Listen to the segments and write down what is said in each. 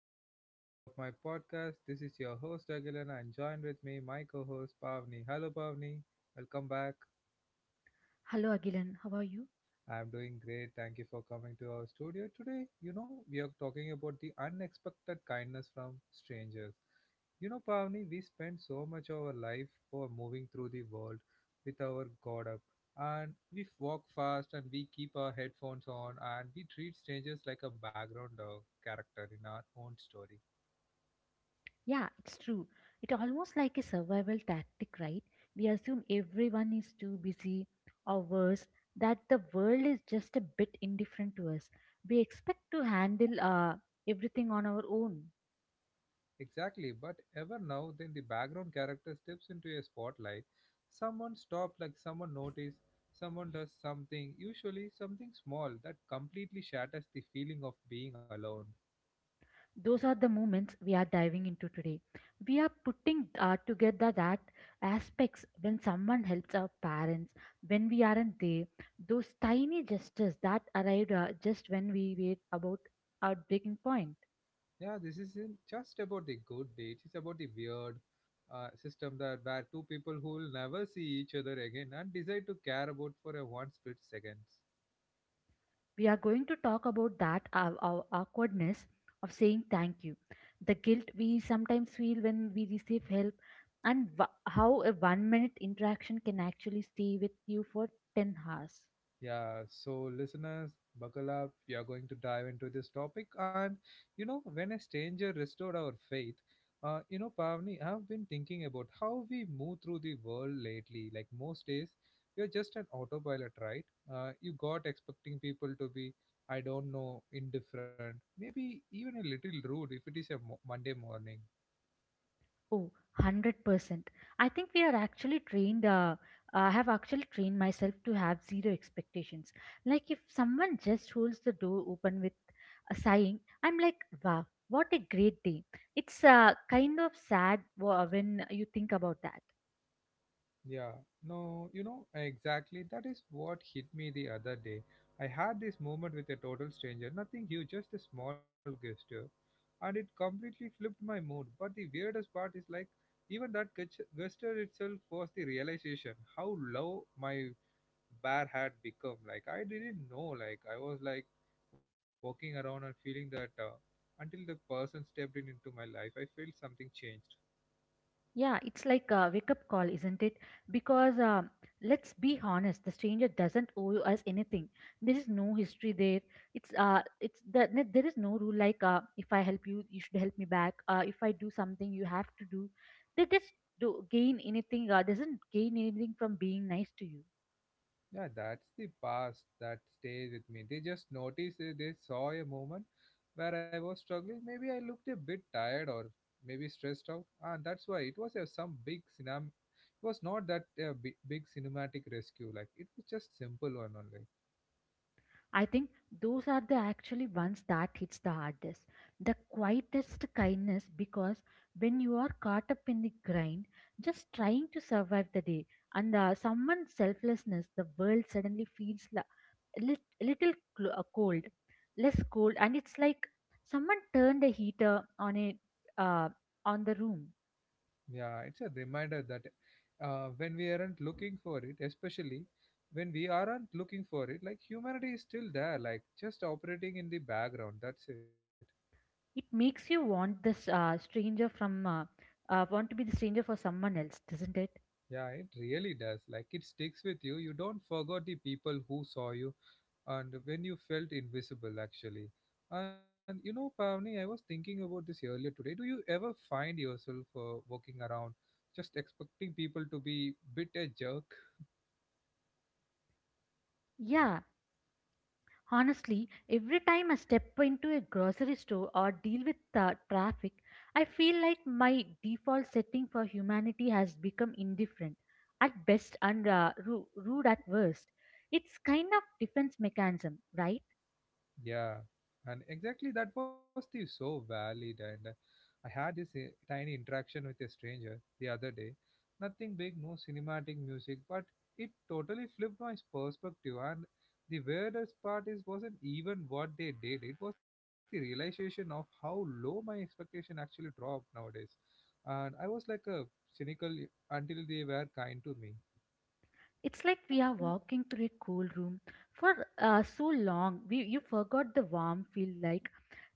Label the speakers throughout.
Speaker 1: the another episode of my podcast. This is your host Agilan and joined with me my co-host Pavni. Hello Pavni, welcome back.
Speaker 2: Hello Agilan, how are you?
Speaker 1: I'm doing great. Thank you for coming to our studio today. You know, we are talking about the unexpected kindness from strangers. You know, Pavni, we spend so much of our life for moving through the world with our guard up. And we walk fast and we keep our headphones on and we treat strangers like a background character in our own story.
Speaker 2: Yeah, it's true. It almost like a survival tactic, right? We assume everyone is too busy or worse, that the world is just a bit indifferent to us. We expect to handle everything on our own.
Speaker 1: Exactly, but ever now then the background character steps into a spotlight. Someone stops, like someone notices, someone does something, usually something small that completely shatters the feeling of being alone.
Speaker 2: Those are the moments we are diving into today. We are putting together that aspects when someone helps our parents, when we aren't there, those tiny gestures that arrived just when we were about our breaking point.
Speaker 1: Yeah, this isn't just about the good dates, it's about the weird system that where two people who will never see each other again and decide to care about for a one split seconds.
Speaker 2: We are going to talk about that our awkwardness of saying thank you, the guilt we sometimes feel when we receive help, and wha how a 1 minute interaction can actually stay with you for 10 hours.
Speaker 1: Yeah, so listeners, buckle up. We are going to dive into this topic. And, you know, when a stranger restored our faith, you know, Pavni, I've been thinking about how we move through the world lately. Like most days, you're just an autopilot, right? You got expecting people to be, I don't know, indifferent, maybe even a little rude if it is a Monday morning.
Speaker 2: Oh, 100%. I think we are actually trained, I have actually trained myself to have zero expectations. Like if someone just holds the door open with a sighing, I'm like, wow, what a great day. It's kind of sad when you think about that.
Speaker 1: Yeah, no, you know, exactly. That is what hit me the other day. I had this moment with a total stranger, nothing huge, just a small gesture, and it completely flipped my mood. But the weirdest part is like, even that gesture itself was the realization how low my bar had become. Like, I didn't know, like, I was like walking around and feeling that until the person stepped in into my life, I felt something changed.
Speaker 2: Yeah, it's like a wake up call, isn't it? Because let's be honest, the stranger doesn't owe you us anything. There is no history there. There is no rule like if I help you, you should help me back. If I do something, you have to do. They just do gain anything. Doesn't gain anything from being nice to you.
Speaker 1: Yeah, that's the past that stays with me. They just noticed, they saw a moment where I was struggling. Maybe I looked a bit tired or maybe stressed out, and that's why it was some big cinema. It was not that big, big cinematic rescue. Like it was just simple one only.
Speaker 2: I think those are the actually ones that hits the hardest. The quietest kindness because when you are caught up in the grind, just trying to survive the day, and someone's selflessness, the world suddenly feels la- a lit- little cl- cold, less cold, and it's like someone turned a heater on a uh, on the room.
Speaker 1: Yeah, it's a reminder that when we aren't looking for it, especially when we aren't looking for it, like humanity is still there, like just operating in the background. That's it.
Speaker 2: It makes you want to be the stranger for someone else, doesn't it?
Speaker 1: Yeah, it really does. Like it sticks with you. You don't forget the people who saw you and when you felt invisible, actually. And you know, Pavni, I was thinking about this earlier today. Do you ever find yourself walking around just expecting people to be bit a jerk?
Speaker 2: Yeah, honestly, every time I step into a grocery store or deal with traffic, I feel like my default setting for humanity has become indifferent, at best and rude at worst. It's kind of defense mechanism, right?
Speaker 1: Yeah, and exactly that was the so valid and I had this tiny interaction with a stranger the other day. Nothing big, no cinematic music, but it totally flipped my perspective. And the weirdest part is wasn't even what they did; it was the realization of how low my expectation actually dropped nowadays. And I was like a cynical until they were kind to me.
Speaker 2: It's like we are walking through a cool room for so long. We you forgot the warm feel like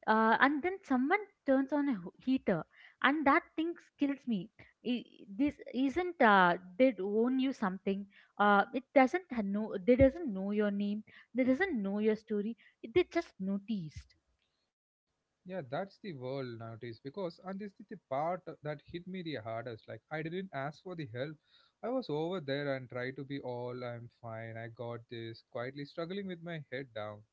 Speaker 2: and then someone turns on a heater, and that thing kills me. This isn't they own you something. It doesn't know. They doesn't know your name, they doesn't know your story, they just noticed.
Speaker 1: Yeah, that's the world nowadays because and this is the part that hit me the hardest. Like I didn't ask for the help. I was over there and tried to be all I'm fine. I got this quietly struggling with my head down.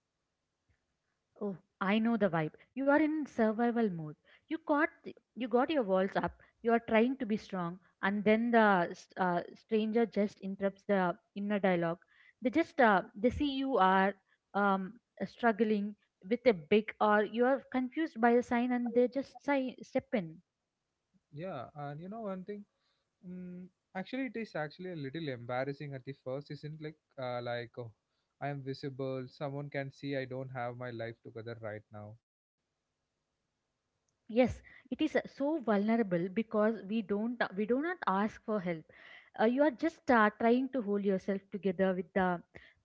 Speaker 2: Oh, I know the vibe. You are in survival mode. You caught, you got your walls up. You are trying to be strong, and then the stranger just interrupts the inner dialogue. They just, they see you are um, struggling with a big, or you are confused by a sign, and they just step in.
Speaker 1: Yeah, and you know one thing. Mm, actually, it is actually a little embarrassing at the first. Isn't like oh, I am visible. Someone can see I don't have my life together right now.
Speaker 2: Yes, it is so vulnerable because we don't we do not ask for help. You are just trying to hold yourself together with the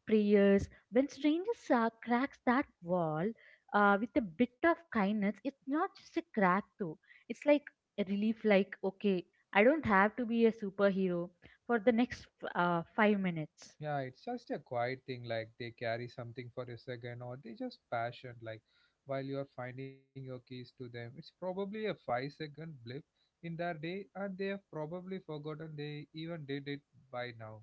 Speaker 2: prayers. When strangers cracks that wall with a bit of kindness, it's not just a crack though. It's like a relief. Like okay, I don't have to be a superhero for the next 5 minutes.
Speaker 1: Yeah, it's just a quiet thing. Like they carry something for a second, or they just passion. Like while you're finding your keys to them, it's probably a 5 second blip in their day, and they have probably forgotten they even did it by now.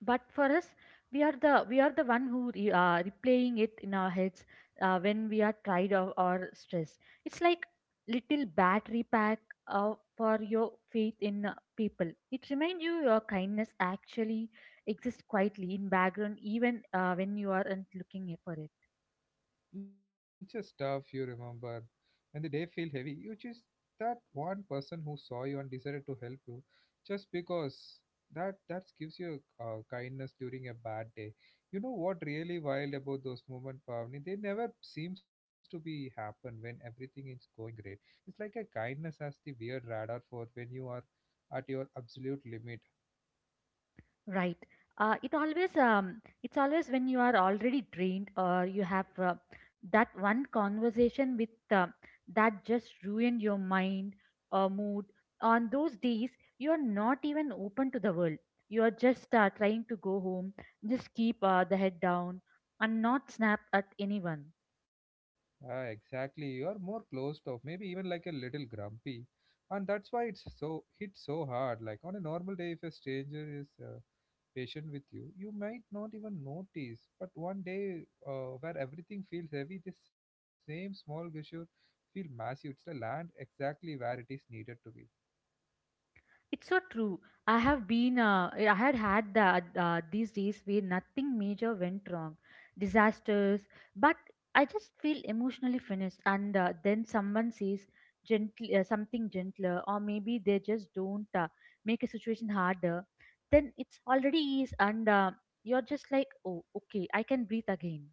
Speaker 2: But for us, we are the one who replaying it in our heads when we are tired or stressed. It's like little battery pack for your faith in people. It reminds you your kindness actually exists quietly in background, even when you aren't looking for it.
Speaker 1: It's just stuff you remember. When the day feel heavy, you just that one person who saw you and decided to help you, just because that gives you kindness during a bad day. You know what really wild about those moments, Pavni? They never seems to be happen when everything is going great. It's like a kindness as the weird radar for when you are at your absolute limit.
Speaker 2: Right. It's always when you are already drained, or you have that one conversation with that just ruined your mind or mood. On those days, you are not even open to the world. You are just trying to go home, just keep the head down, and not snap at anyone.
Speaker 1: Yeah, exactly. You are more closed off, maybe even like a little grumpy, and that's why it's so hit so hard. Like on a normal day, if a stranger is patient with you, you might not even notice. But one day, where everything feels heavy, this same small gesture feel massive. It's a land exactly where it is needed to be.
Speaker 2: It's so true. I had the these days where nothing major went wrong, disasters, but I just feel emotionally finished. And then someone says gently, something gentler, or maybe they just don't make a situation harder. Then it's already ease, and you're just like, oh, okay, I can breathe again.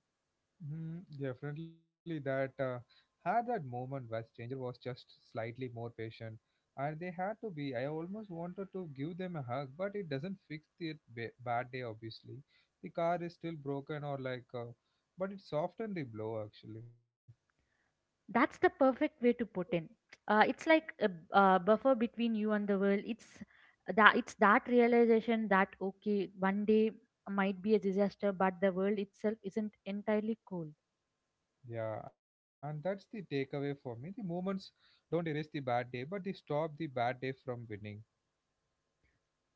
Speaker 1: Definitely that had that moment where stranger was just slightly more patient and they had to be, I almost wanted to give them a hug, but it doesn't fix the bad day obviously. The car is still broken or like but it softened the blow actually.
Speaker 2: That's the perfect way to put in. It's like a buffer between you and the world. It's that realization that okay, one day might be a disaster, but the world itself isn't entirely cold.
Speaker 1: Yeah, and that's the takeaway for me, the moments don't erase the bad day but they stop the bad day from winning.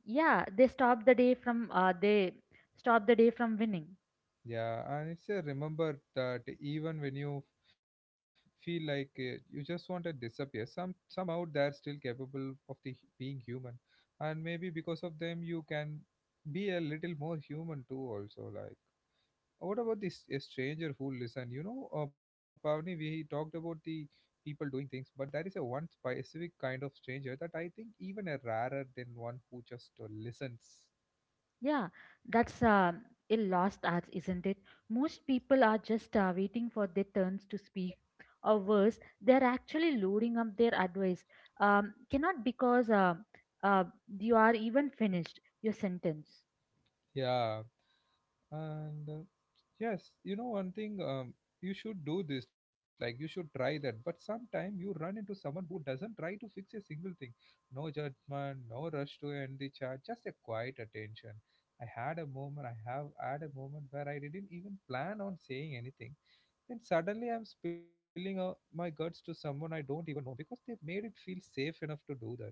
Speaker 2: Yeah, they stop the day from winning.
Speaker 1: Yeah, and it's a remember that even when you feel like you just want to disappear, somehow they're still capable of the being human, and maybe because of them you can be a little more human too. Also, like what about this a stranger who listen? You know, Pavni, we talked about the people doing things, but there is a one specific kind of stranger that I think even a rarer than one who just listens.
Speaker 2: Yeah, that's a lost art, isn't it? Most people are just waiting for their turns to speak, or worse, they're actually loading up their advice. Cannot because uh, you are even finished your sentence.
Speaker 1: Yeah, and yes, you know one thing, you should do this, like you should try that. But sometime you run into someone who doesn't try to fix a single thing. No judgment, no rush to end the chat, just a quiet attention. I have had a moment where I didn't even plan on saying anything. Then suddenly I'm spilling out my guts to someone I don't even know because they made it feel safe enough to do that.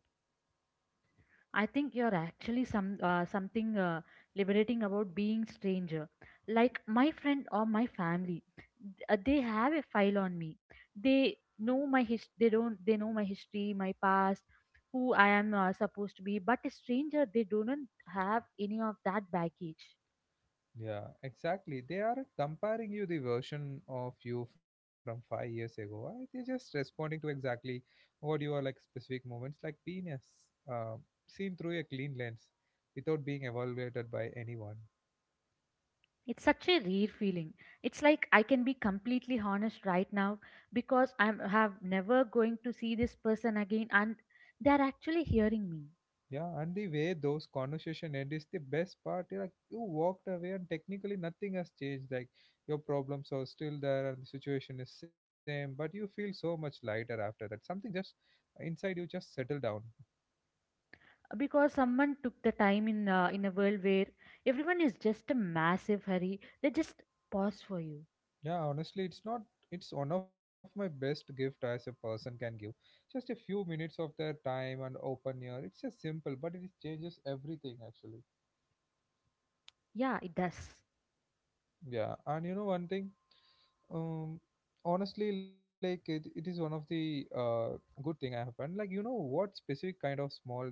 Speaker 2: I think you're actually something liberating about being stranger. Like my friend or my family, they have a file on me. They know my his. They don't. They know my history, my past, who I am supposed to be. But a stranger, they do not have any of that baggage.
Speaker 1: Yeah, exactly. They aren't comparing you the version of you from 5 years ago. They're just responding to exactly what you are like specific moments, like penis, uh, seen through a clean lens, without being evaluated by anyone.
Speaker 2: It's such a rare feeling. It's like I can be completely honest right now because I am have never going to see this person again, and they're actually hearing me.
Speaker 1: Yeah, and the way those conversation end is the best part. You're Like you walked away, and technically nothing has changed. Like your problems are still there, and the situation is same, but you feel so much lighter after that. Something just inside you just settle down.
Speaker 2: Because someone took the time in a world where everyone is just a massive hurry, they just pause for you.
Speaker 1: Yeah, honestly, it's not. It's one of my best gift as a person can give. Just a few minutes of their time and open ear. It's just simple, but it changes everything actually.
Speaker 2: Yeah, it does.
Speaker 1: Yeah, and you know one thing. Um, honestly, like it is one of the good thing I happened. Like you know what specific kind of small.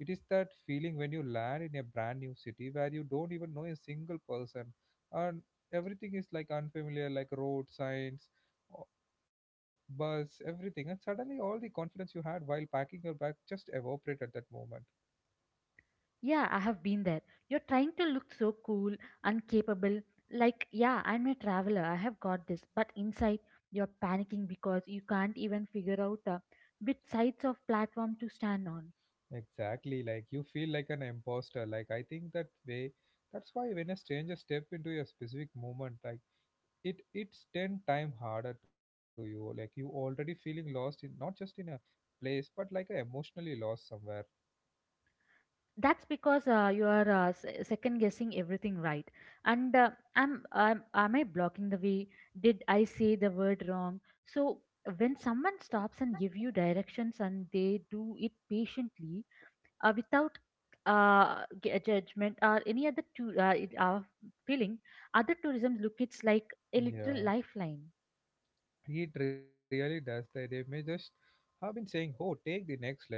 Speaker 1: It is that feeling when you land in a brand new city where you don't even know a single person, and everything is like unfamiliar, like road signs, bus, everything, and suddenly all the confidence you had while packing your bag just evaporate at that moment.
Speaker 2: Yeah, I have been there. You're trying to look so cool and capable. Like, yeah, I'm a traveler, I have got this. But inside you're panicking because you can't even figure out which sides of platform to stand on.
Speaker 1: Exactly, like you feel like an imposter. Like I think that way. That's why when a stranger step into a specific moment, like it's ten time harder to you. Like you already feeling lost in not just in a place, but like a emotionally lost somewhere.
Speaker 2: That's because you are second guessing everything, right? And Am I blocking the way? Did I say the word wrong? So when someone stops and give you directions, and they do it patiently without judgment or any other to, feeling other tourism look, it's like a little
Speaker 1: Yeah.
Speaker 2: lifeline.
Speaker 1: It really does. That. They may just have been saying, oh, take the next step.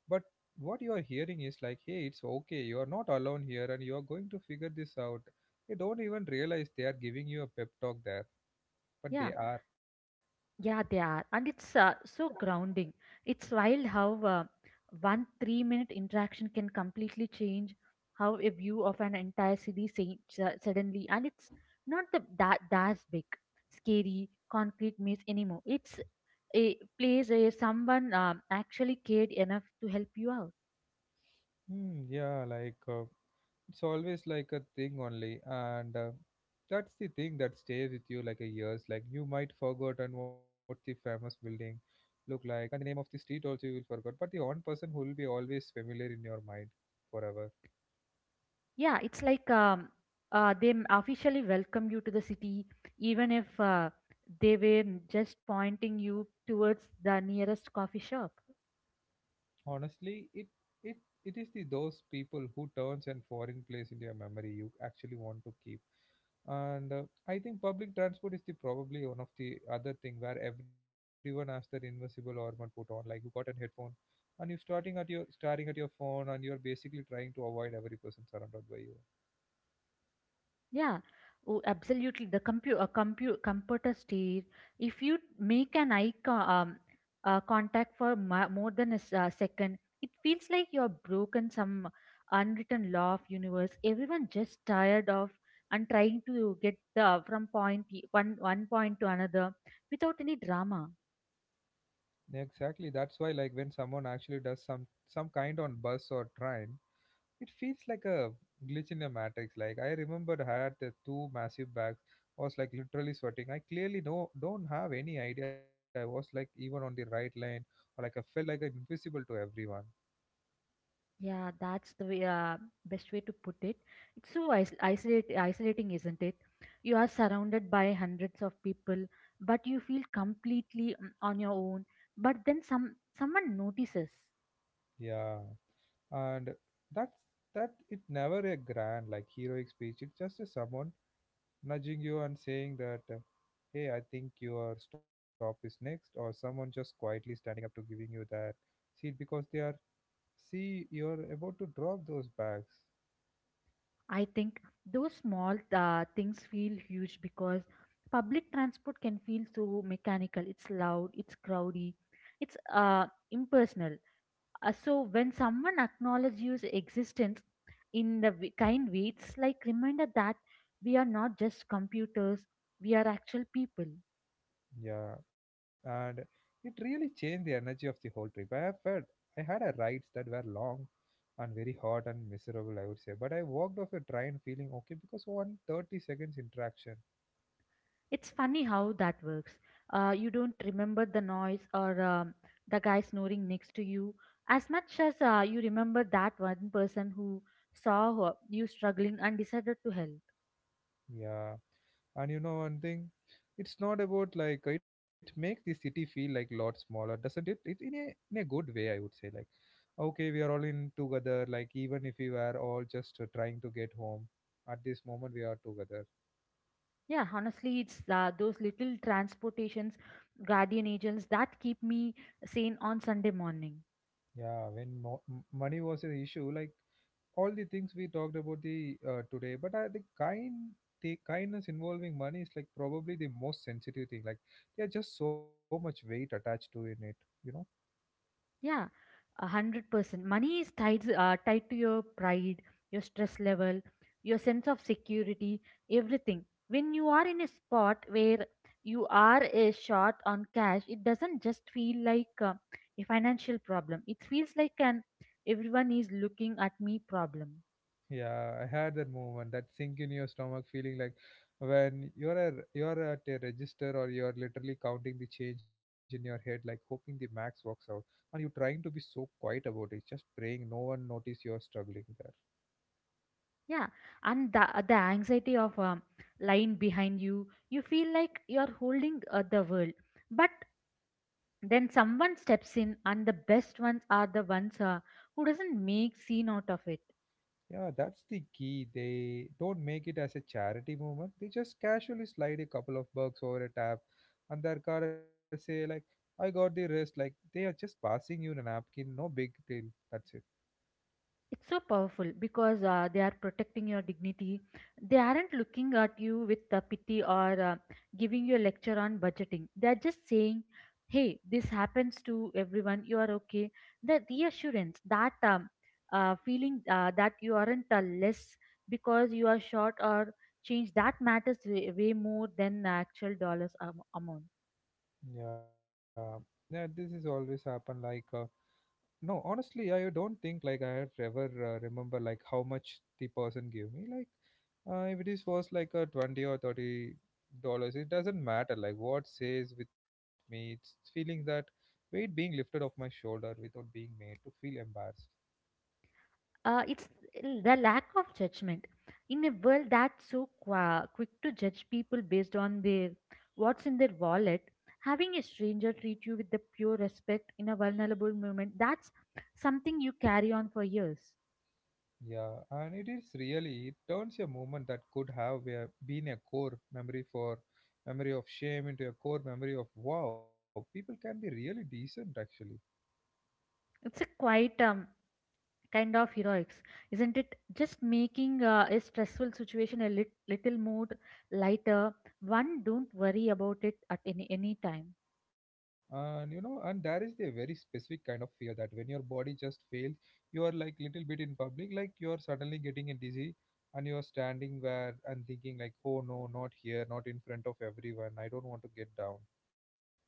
Speaker 1: But what you are hearing is like, hey, it's okay. You are not alone here and you are going to figure this out. They don't even realize they are giving you a pep talk there, but they
Speaker 2: Yeah.
Speaker 1: are.
Speaker 2: Yeah, they are. And it's so grounding. It's wild how one three minute interaction can completely change how a view of an entire city changes suddenly. And it's not the, that that's big, scary, concrete maze anymore. It's a place where someone actually cared enough to help you out.
Speaker 1: Yeah, like it's always like a thing only. And that's the thing that stays with you like a years. Like you might forgotten what the famous building look like and the name of the street also you will forget. But the one person who will be always familiar in your mind forever.
Speaker 2: Yeah, it's like they officially welcome you to the city, even if they were just pointing you towards the nearest coffee shop.
Speaker 1: Honestly, it it is the those people who turns and foreign place into your memory you actually want to keep. And I think public transport is the probably one of the other thing where everyone has their invisible armor put on. Like you got a headphone, and you starting at your staring at your phone, and you're basically trying to avoid every person surrounded by you.
Speaker 2: Yeah, oh, absolutely. The computer steer. If you make an eye contact for more than a second, it feels like you're broken some unwritten law of universe. Everyone just tired of and trying to get from point one one point to another without any drama.
Speaker 1: Exactly. That's why, like, when someone actually does some kind on bus or train, it feels like a glitch in a matrix. Like I remember I had the two massive bags, was like literally sweating. I clearly no don't have any idea. I was like even on the right lane or like I felt like I'm invisible to everyone.
Speaker 2: Yeah, that's the way, best way to put it. It's so isolating, isn't it? You are surrounded by hundreds of people, but you feel completely on your own. But then someone notices.
Speaker 1: Yeah. And that's that it never a grand like heroic speech. It's just a someone nudging you and saying that hey, I think your stop is next, or someone just quietly standing up to giving you that seat because they are see you're about to drop those bags.
Speaker 2: I think those small things feel huge because public transport can feel so mechanical. It's loud, it's crowdy, it's impersonal. So when someone acknowledges your existence in the kind way, it's like reminder that we are not just computers, we are actual people.
Speaker 1: Yeah, and it really changed the energy of the whole trip. I have felt I had a rides that were long and very hot and miserable, I would say. But I walked off a train feeling okay because one 30 seconds interaction.
Speaker 2: It's funny how that works. You don't remember the noise or the guy snoring next to you as much as you remember that one person who saw you struggling and decided to help.
Speaker 1: Yeah, and you know one thing, it's not about like it makes the city feel like lot smaller, doesn't it? It in a good way, I would say. Like, okay, we are all in together. Like even if we were all just trying to get home, at this moment we are together.
Speaker 2: Yeah, honestly, it's those little transportations, guardian angels that keep me sane on Sunday morning.
Speaker 1: Yeah, when money was an issue, like all the things we talked about the today, but I think kind the kindness involving money is like probably the most sensitive thing. Like there's just so much weight attached to in it, you know.
Speaker 2: Yeah, 100%. Money is tied to your pride, your stress level, your sense of security, everything. When you are in a spot where you are short on cash, it doesn't just feel like a financial problem. It feels like an everyone is looking at me problem.
Speaker 1: Yeah, I had that moment, that sink in your stomach feeling like when you're at a register or you're literally counting the change in your head, like hoping the max works out, and you're trying to be so quiet about it, just praying no one notice you're struggling there.
Speaker 2: Yeah, and the anxiety of lying behind you, you feel like you are holding the world. But then someone steps in, and the best ones are the ones who doesn't make scene out of it.
Speaker 1: Yeah, that's the key. They don't make it as a charity movement. They just casually slide a couple of bucks over a tab and their car say like, I got the rest. Like they are just passing you a napkin, no big deal. That's it.
Speaker 2: It's so powerful because they are protecting your dignity. They aren't looking at you with pity or giving you a lecture on budgeting. They are just saying, hey, this happens to everyone, you are okay. The reassurance that feeling that you aren't less because you are short or changed, that matters way, way more than the actual dollars amount.
Speaker 1: Yeah. Yeah, this is always happen like no, honestly, I don't think like I have ever remember like how much the person gave me. Like, if it is was like a $20 or $30, it doesn't matter. Like what says with me, it's feeling that weight being lifted off my shoulder without being made to feel embarrassed.
Speaker 2: It's the lack of judgment. In a world that's so qua quick to judge people based on their what's in their wallet, having a stranger treat you with the pure respect in a vulnerable moment, that's something you carry on for years.
Speaker 1: Yeah, and it is really it turns a moment that could have been a core memory for memory of shame into a core memory of wow, people can be really decent actually.
Speaker 2: It's a quite kind of heroics, isn't it? Just making a stressful situation a little more lighter. One don't worry about it at any time.
Speaker 1: And you know, and there is a very specific kind of fear that when your body just fails, you are like little bit in public, like you are suddenly getting a dizzy and you are standing there and thinking like, oh no, not here, not in front of everyone, I don't want to get down.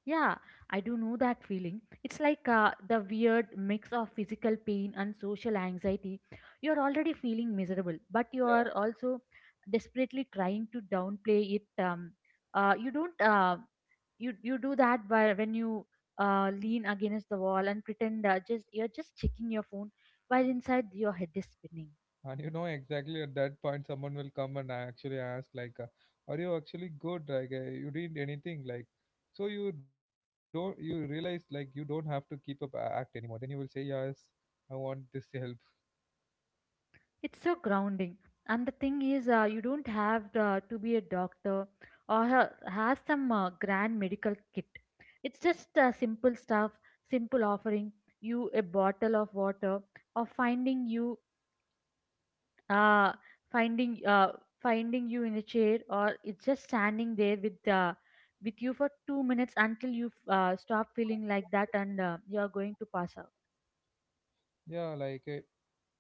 Speaker 2: Yeah, I do know that feeling. It's like the weird mix of physical pain and social anxiety. You're already feeling miserable, but you
Speaker 1: Yeah,
Speaker 2: are also desperately trying to downplay it. You don't. You do that by when you lean against the wall and pretend just you're just checking your phone, while inside your head is spinning.
Speaker 1: and you know exactly at that point someone will come and actually ask like are you actually good, like you did anything, like so you realize like you don't have to keep up act anymore, then you will say yes, I want this help.
Speaker 2: It's so grounding. And the thing is, you don't have to be a doctor or have some grand medical kit. It's just simple stuff, simple offering you a bottle of water or finding you uh, finding uh, finding you in a chair, or it's just standing there with you for 2 minutes until you stop feeling like that and you're going to pass out.
Speaker 1: Yeah, like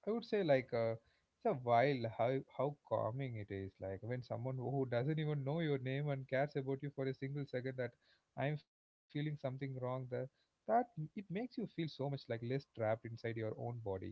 Speaker 1: I would say like it's a while how calming it is. Like when someone who doesn't even know your name and cares about you for a single second that I'm feeling something wrong. That it makes you feel so much like less trapped inside your own body.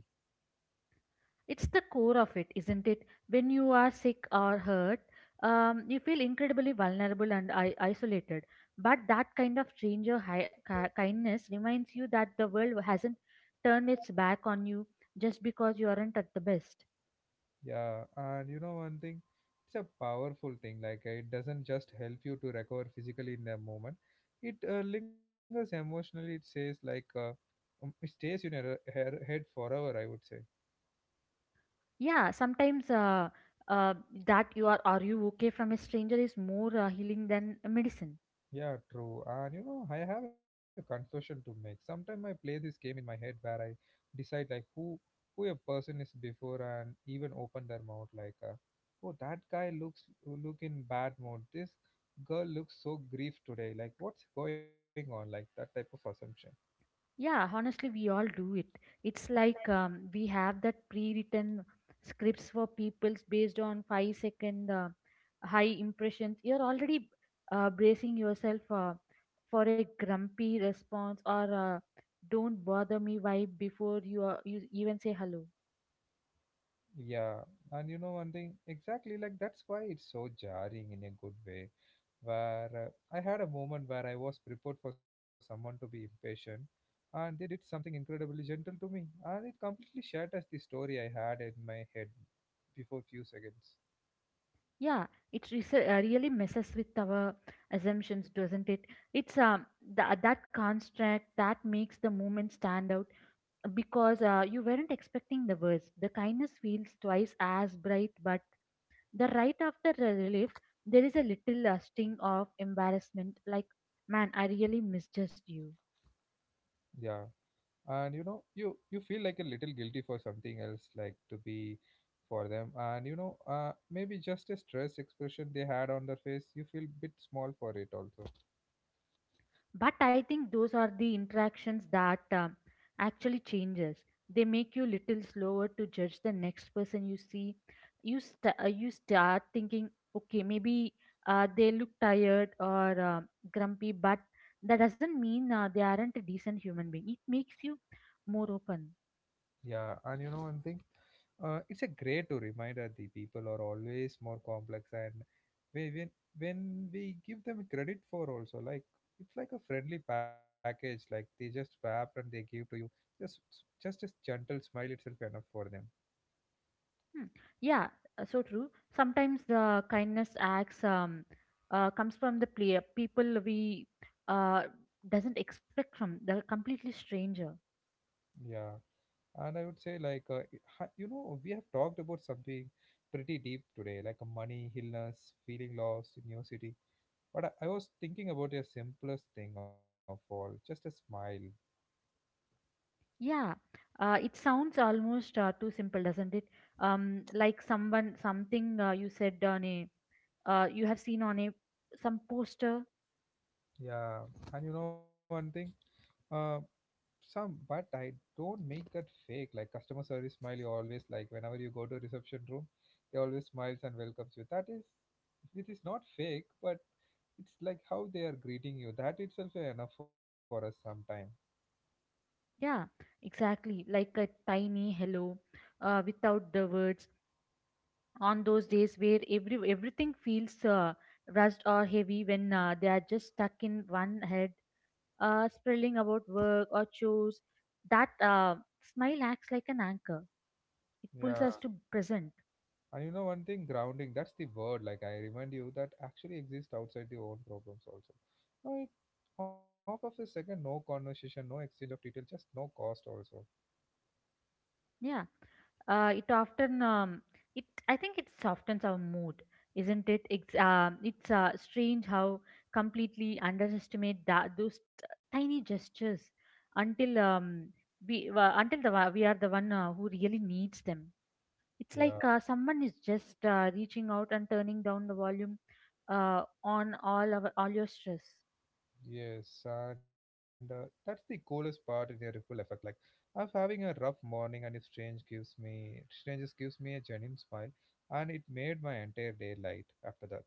Speaker 2: It's the core of it, isn't it? When you are sick or hurt, you feel incredibly vulnerable and isolated. But that kind of stranger kindness reminds you that the world hasn't turned its back on you just because you aren't at the best.
Speaker 1: Yeah, and you know one thing, it's a powerful thing. Like it doesn't just help you to recover physically in the moment. It lingers emotionally. It says like it stays in your head forever, I would say.
Speaker 2: Yeah, sometimes uh, that you are you okay from a stranger is more healing than a medicine.
Speaker 1: Yeah, true. And you know, I have a confession to make. Sometimes I play this game in my head where I decide like who a person is before and even open their mouth like, oh, that guy looks look in bad mood. This girl looks so grief today. Like what's going on? Like that type of assumption.
Speaker 2: Yeah, honestly, we all do it. It's like we have that pre-written scripts for people's based on five-second high impressions. You're already bracing yourself for a grumpy response or "Don't bother me" vibe before you even say hello.
Speaker 1: Yeah, and you know one thing, exactly like that's why it's so jarring in a good way. Where I had a moment where I was prepared for someone to be impatient, and they did something incredibly gentle to me, and it completely shatters the story I had in my head before few seconds.
Speaker 2: Yeah, really messes with our assumptions, doesn't it? It's that construct that makes the moment stand out because you weren't expecting the worst. The kindness feels twice as bright, but the right after the relief, there is a little sting of embarrassment like, man, I really misjudged you.
Speaker 1: Yeah, and you know, you feel like a little guilty for something else, like to be for them, and you know, maybe just a stress expression they had on their face, you feel bit small for it also.
Speaker 2: But I think those are the interactions that actually changes, they make you little slower to judge the next person you see. You you start thinking, okay, maybe they look tired or grumpy, but that doesn't mean they aren't a decent human being. It makes you more open.
Speaker 1: Yeah, and you know one thing, it's a great to remind that the people are always more complex, and we, when when we give them credit for also like it's like a friendly package, like they just wrap and they give to you just just a gentle smile itself enough for them.
Speaker 2: Hmm. Yeah, so true. Sometimes the kindness acts comes from the player people we uh, doesn't expect from the completely stranger.
Speaker 1: Yeah, and I would say like you know we have talked about something pretty deep today, like money, illness, feeling lost in your city. But I was thinking about the simplest thing of all, just a smile.
Speaker 2: Yeah, it sounds almost too simple, doesn't it? Like something you have seen on a some poster.
Speaker 1: Yeah, and you know one thing, uh, some but I don't make that fake like customer service smile. You always like whenever you go to reception room, they always smiles and welcomes you. That is, it is not fake, but it's like how they are greeting you. That itself is enough for us sometime.
Speaker 2: Yeah, exactly. Like a tiny hello, without the words. On those days where everything feels rushed or heavy, when they are just stuck in one head, spelling about work or chores, that smile acts like an anchor. It pulls
Speaker 1: Yeah,
Speaker 2: us to present.
Speaker 1: and you know one thing, grounding. That's the word. Like I remind you that actually exists outside the own problems also. No, it half of a second, no conversation, no exchange of detail, just no cost also.
Speaker 2: Yeah, it often it I think it softens our mood, isn't it? It's strange how completely underestimate that those tiny gestures until we until the we are the one who really needs them. It's
Speaker 1: Yeah.
Speaker 2: like someone is just reaching out and turning down the volume on all your stress.
Speaker 1: Yes, and that's the coolest part in the ripple effect. Like, of having a rough morning, and if strangers gives me a genuine smile, and it made my entire day light after that.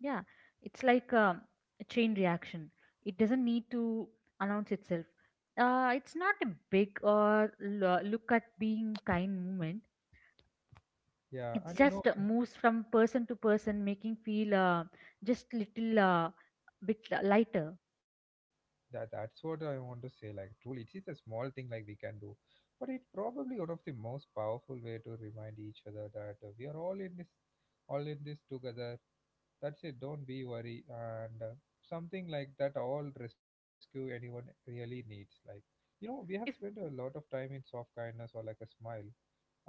Speaker 2: Yeah, it's like a chain reaction. It doesn't need to announce itself. It's not a big or look at being kind movement.
Speaker 1: Yeah,
Speaker 2: It
Speaker 1: and you know,
Speaker 2: just
Speaker 1: and
Speaker 2: moves from person to person, making feel just little lighter.
Speaker 1: that's what I want to say. Like, truly, it is a small thing like we can do, but it probably one of the most powerful way to remind each other that we are all in this together. That's it. Don't be worry and something like that. All rescue anyone really needs. Like you know, we have
Speaker 2: If
Speaker 1: spent a lot of time in soft kindness or like a smile,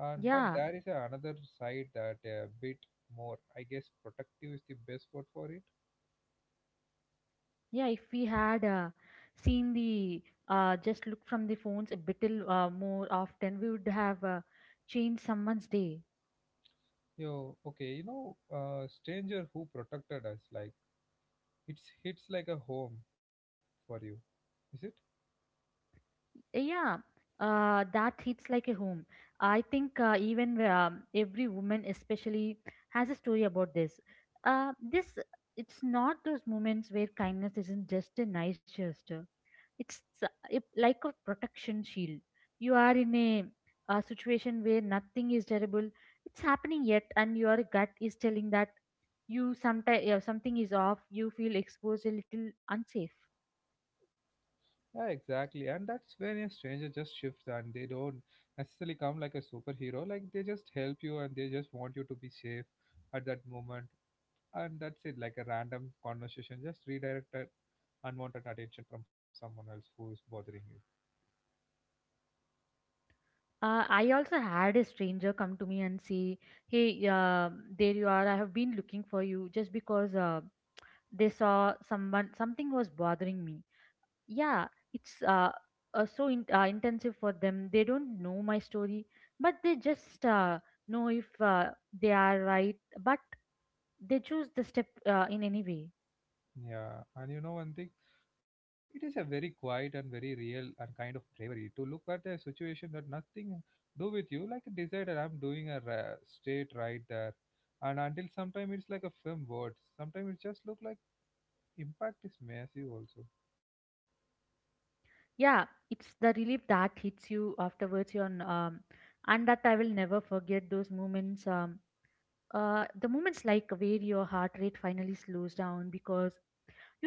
Speaker 1: and but
Speaker 2: yeah,
Speaker 1: there is a, another side that a bit more. I guess protective is the best word for it.
Speaker 2: yeah, if we had seen the just look from the phones a bit more often, we would have changed someone's day.
Speaker 1: Yo, okay, you know, stranger who protected us. Like it's hits like a home for you, is it?
Speaker 2: Yeah, that hits like a home. I think even every woman, especially, has a story about this. Uh, this it's not those moments where kindness isn't just a nice gesture. It's like a protection shield. You are in a situation where nothing is terrible. It's happening yet, and your gut is telling that you sometimes something is off. You feel exposed, a little unsafe.
Speaker 1: Yeah, exactly. And that's when a stranger just shifts and they don't necessarily come like a superhero. Like they just help you and they just want you to be safe at that moment. And that's it, like a random conversation, just redirected unwanted attention from someone else who's bothering you.
Speaker 2: I also had a stranger come to me and say, "Hey, there you are. I have been looking for you," just because they saw someone. Something was bothering me. Yeah, it's so intensive for them. They don't know my story, but they just know if they are right. But they choose the step in any way.
Speaker 1: Yeah, and you know one thing, it is a very quiet and very real and kind of bravery to look at a situation that nothing do with you, like decide that I'm doing a straight right there, and until sometime it's like a film words. Sometimes it just look like impact is massive also.
Speaker 2: Yeah, it's the relief that hits you afterwards. And that I will never forget those moments. The moments like where your heart rate finally slows down because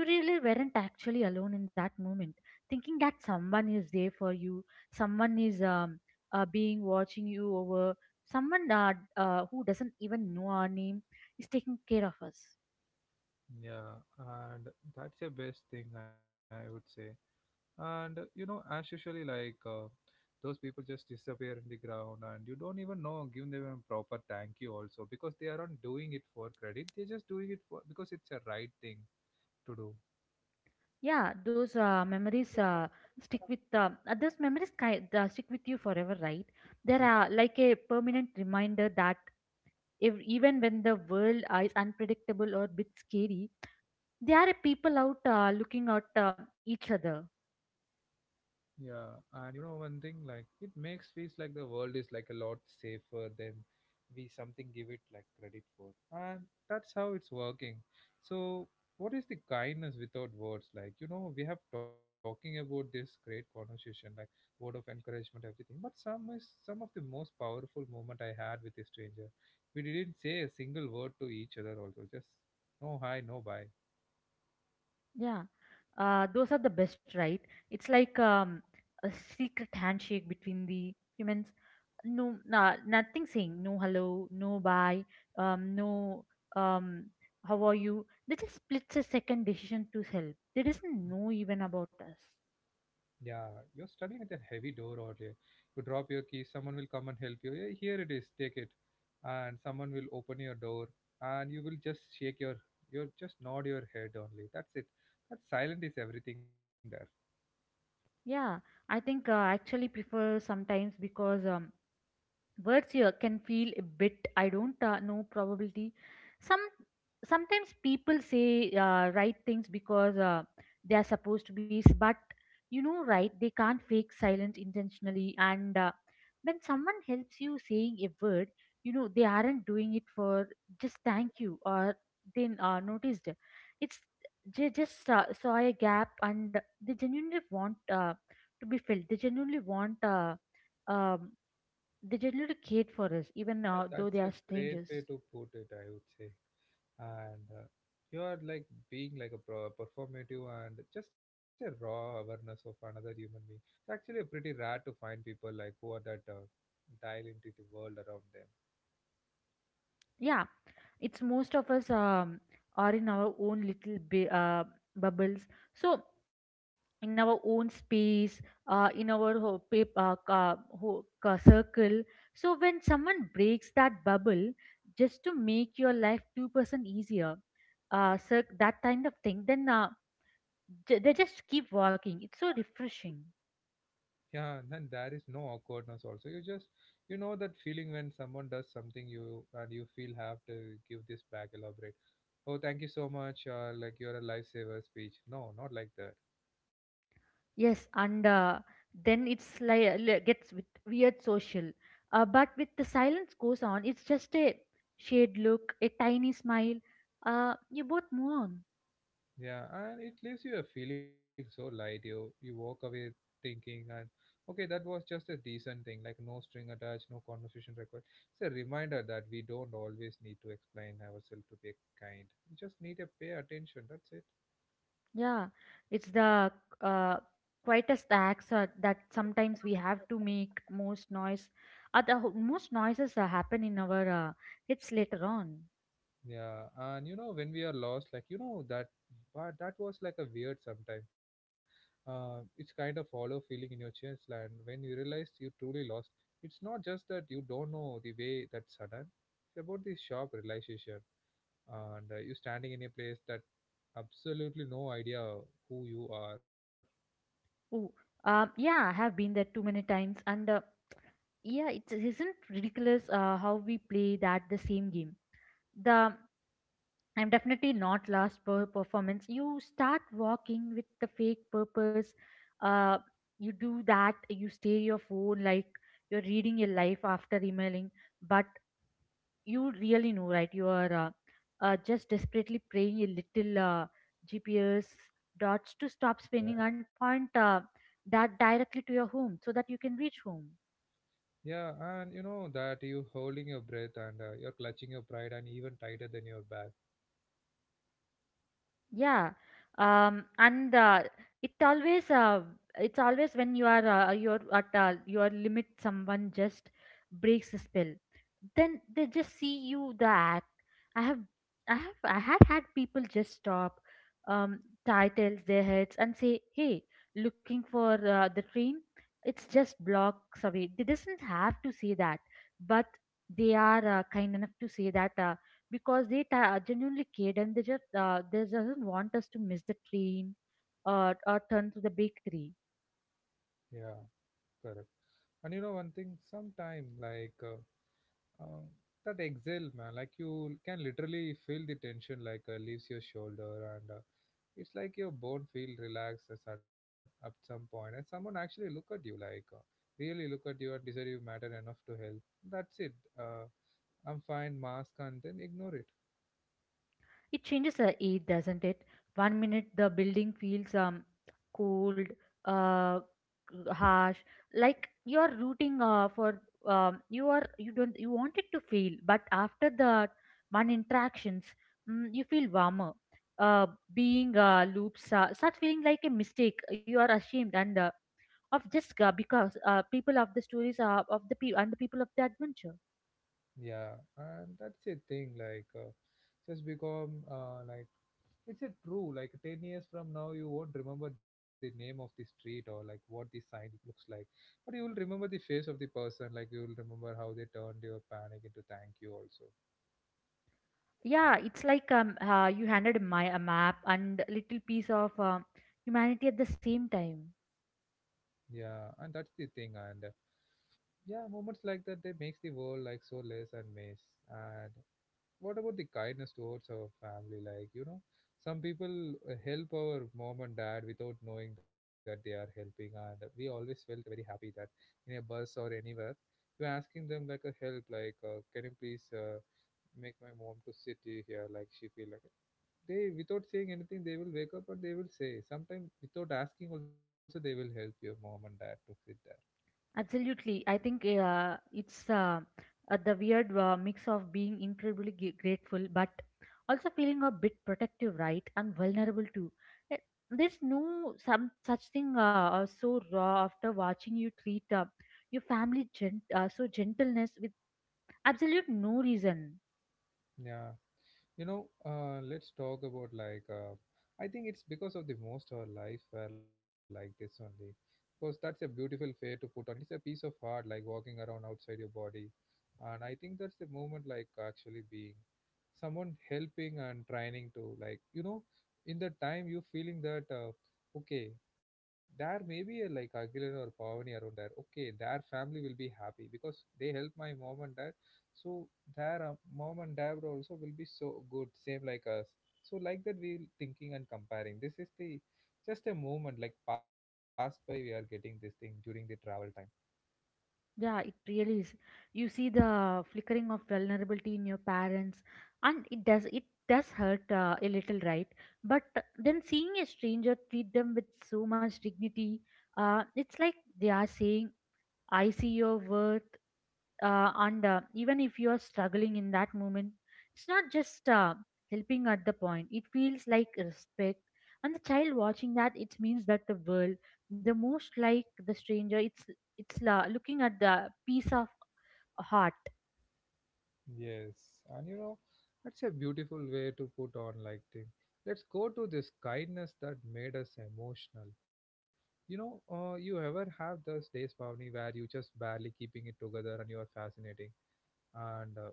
Speaker 2: you really weren't actually alone in that moment, thinking that someone is there for you, someone is being watching you over, someone who doesn't even know our name is taking care of us.
Speaker 1: Yeah, and that's the best thing, I would say. And you know as usually like those people just disappear in the ground and you don't even know give them a proper thank you also because they aren't doing it for credit, they're just doing it for because it's a right thing to
Speaker 2: Yeah, those memories stick with those memories ki- stick with you forever, right? They
Speaker 1: do.
Speaker 2: are like a permanent reminder that if, even when the world is unpredictable or a bit scary, there are people out looking at each other.
Speaker 1: Yeah, and you know one thing like it makes feels like the world is like a lot safer than we something give it like credit for. And that's how it's working. So what is the kindness without words? Like, you know, we have talking about this great conversation, like word of encouragement, everything. But some of the most powerful moment I had with a stranger. We didn't say a single word to each other also, just no hi, no bye.
Speaker 2: Yeah, those are the best, right? It's like a secret handshake between the humans. No, nah, nothing saying, no hello, no bye, no um, how are you? They just split a second decision to help. They doesn't know even about us.
Speaker 1: Yeah, you're struggling with a heavy door earlier. You drop your key, someone will come and help you. "Hey, here it is, take it." And someone will open your door and you will just you just nod your head only. That's it. That silent is everything there.
Speaker 2: Yeah, I think I actually prefer sometimes because words here can feel a bit, I don't know probability. some Sometimes people say right things because they are supposed to be, but you know right they can't fake silence intentionally. And when someone helps you saying a word, you know they aren't doing it for just thank you or then noticed, it's they just saw a gap and they genuinely want to be filled, they genuinely want um, they generally care for us even
Speaker 1: Yeah,
Speaker 2: though they
Speaker 1: that's a
Speaker 2: are
Speaker 1: great
Speaker 2: strangers.
Speaker 1: way to put it, I would say. And you are like being like a performative and just a raw awareness of another human being. It's actually pretty rare to find people like who are that dial into the world around them.
Speaker 2: Yeah, it's most of us are in our own little bubbles, so in our own space, in our ho- pap- ca- ho- ca- circle. So when someone breaks that bubble just to make your life 2% easier, that kind of thing, then they just keep walking, it's so refreshing.
Speaker 1: Yeah, then there is no awkwardness also. You just you know that feeling when someone does something you and you feel have to give this back, elaborate. Oh, thank you so much, or like you're a lifesaver speech. No, not like that.
Speaker 2: Yes, and then it's like gets with weird social. But with the silence goes on, it's just a shade look, a tiny smile. You both move on.
Speaker 1: Yeah, and it leaves you a feeling so light. You walk away thinking and okay, that was just a decent thing, like no string attached, no conversation required. It's a reminder that we don't always need to explain ourselves to be kind. We just need to pay attention. That's it.
Speaker 2: Yeah, it's the uh, quietest acts that sometimes we have to make most noise. Most noises happen in our hits later on.
Speaker 1: Yeah, and you know when we are lost, like you know that, but that was like a weird sometime. It's kind of hollow feeling in your chest, and when you realize you truly lost, it's not just that you don't know the way that sudden. It's about the sharp realization, and you standing in a place that absolutely no idea who you are.
Speaker 2: Ooh, yeah, I have been there too many times, and yeah, it isn't ridiculous how we play that the same game the I'm definitely not last per performance. You start walking with the fake purpose. Uh, you do that. You stay your phone like you're reading your life after emailing, but you really know, right? You are just desperately praying a little GPS dots to stop
Speaker 1: Yeah,
Speaker 2: spinning and point that directly to your home so that you can reach home.
Speaker 1: yeah, and you know that you holding your breath and you're clutching your pride and even tighter than your back.
Speaker 2: Yeah, and it always it's always when you are you're at your limit, someone just breaks the spell. Then they just see you the act. I have I had had people just stop, um, titles their heads and say, "Hey, looking for the train? It's just blocks away." They doesn't have to say that, but they are kind enough to say that. Because they genuinely cared and they just they doesn't want us to miss the train or turn to the bakery.
Speaker 1: Yeah. Correct. And you know one thing, sometime um, that exhale, man. Like you can literally feel the tension like leaves your shoulder, and it's like your bone feel relaxed as at some point, and someone actually look at you like really look at you and decide you matter enough to help. That's it. Uh, I'm fine, mask, and then ignore it.
Speaker 2: It changes the aid, doesn't it? 1 minute the building feels cold, uh harsh, like you're rooting for you are you don't you want it to fail, but after the one interactions, you feel warmer, uh being loops start feeling like a mistake you are ashamed and of Jiska because people of the stories are of the people and the people of the adventure.
Speaker 1: Yeah, and that's a thing. Like, just become like it's a true, like 10 years from now, you won't remember the name of the street or like what the sign looks like, but you will remember the face of the person, like you will remember how they turned your panic into thank you, also.
Speaker 2: Yeah, it's like you handed a map and little piece of humanity at the same time.
Speaker 1: Yeah, and that's the thing. And yeah, moments like that, they makes the world like so less and mess. And what about the kindness towards our family? Like, you know, some people help our mom and dad without knowing that they are helping, and we always felt very happy that in a bus or anywhere, you're asking them like a help, like, can you please make my mom to sit here, like she feel like. It. They without saying anything, they will wake up and they will say. Sometimes without asking, also they will help your mom and dad to sit there.
Speaker 2: Absolutely, I think it's the weird mix of being incredibly grateful, but also feeling a bit protective, right, and vulnerable too. Eh, There's no some such thing so raw after watching you treat your family so gentleness absolute no reason.
Speaker 1: Yeah. You know, let's talk about like, I think it's because of the most of our life were like this only, because that's a beautiful way to put on it is a piece of heart like walking around outside your body. And I think that's the moment like actually being someone helping and trying to, like, you know, in the time you feeling that okay, there may be a like Aguilar or Pavani around there. Okay, their family will be happy because they help my mom and dad. So their mom and dad also will be so good same like us. So like that we will thinking and comparing, this is the just a moment like pass by, we are getting this thing during the travel time.
Speaker 2: Yeah, it really is. You see the flickering of vulnerability in your parents, and it does, it does hurt a little, right? But then seeing a stranger treat them with so much dignity, it's like they are saying, I see your worth, and even if you are struggling in that moment, it's not just helping at the point. It feels like respect, and the child watching that, it means that the world, the most like the stranger, it's la looking at the piece of heart.
Speaker 1: Yes, and you know, that's a beautiful way to put on like thing. Let's go to this kindness that made us emotional. You know you ever have those days, Pavni, where you just barely keeping it together and you are fascinating, and uh,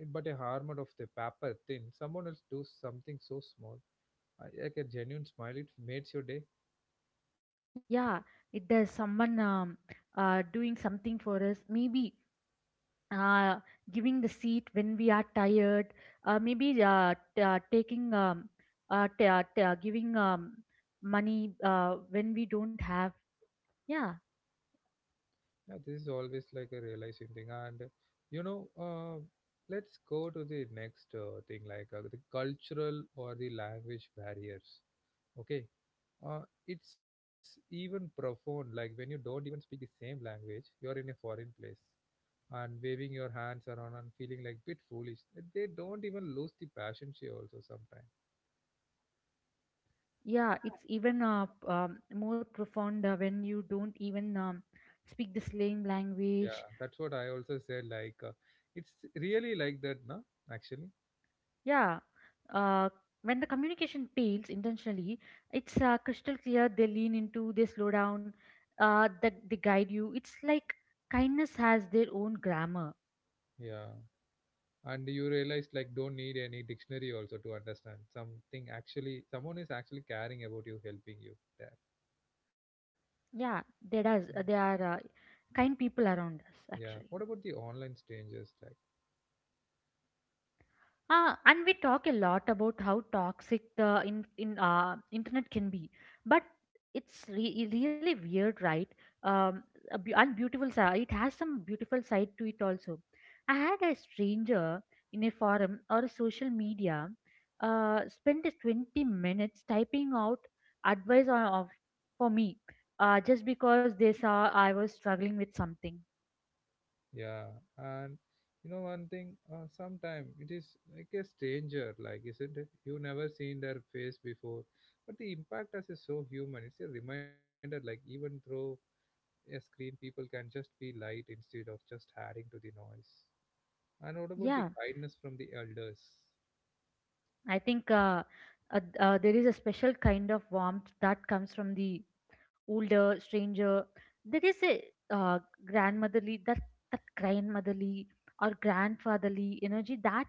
Speaker 1: it- but a armor of the paper thin, someone else does something so small, like a genuine smile, it makes your day.
Speaker 2: Yeah, it does. Someone doing something for us, maybe uh, giving the seat when we are tired, maybe taking giving money when we don't have. Yeah.
Speaker 1: Yeah, this is always like a realizing thing, and you know uh, let's go to the next thing, like the cultural or the language barriers. Okay, uh, it's even profound like when you don't even speak the same language, you're in a foreign place and waving your hands around and feeling like bit foolish. They don't even lose the passion, she also sometimes.
Speaker 2: Yeah, it's even more profound when you don't even speak the slang
Speaker 1: Yeah,
Speaker 2: language.
Speaker 1: that's what I also said. Like, it's really like that, no? Actually,
Speaker 2: Yeah, uh, when the communication fails intentionally, it's crystal clear. They lean into, they slow down, that they guide you. It's like kindness has their own grammar.
Speaker 1: yeah. And you realize like don't need any dictionary also to understand something. Actually, someone is actually caring about you, helping you there.
Speaker 2: Yeah,
Speaker 1: Mm.
Speaker 2: there does. There are kind people around us
Speaker 1: Yeah.
Speaker 2: actually.
Speaker 1: What about the online strangers? Like,
Speaker 2: And we talk a lot about how toxic the in internet can be, but it's really weird, right? Um, and beautiful side. It has some beautiful side to it also. I had a stranger in a forum or a social media, spent 20 minutes typing out advice for me, just because they saw I was struggling with something.
Speaker 1: yeah. And you know one thing. Sometime it is like a stranger, like isn't it? You never seen their face before, but the impact as is so human. It's a reminder, like even though a screen, people can just be light instead of just adding to the noise. And what about the
Speaker 2: Yeah,
Speaker 1: kindness from the elders?
Speaker 2: I think there is a special kind of warmth that comes from the older stranger. There is a uh, grandmotherly that, that grandmotherly or grandfatherly energy that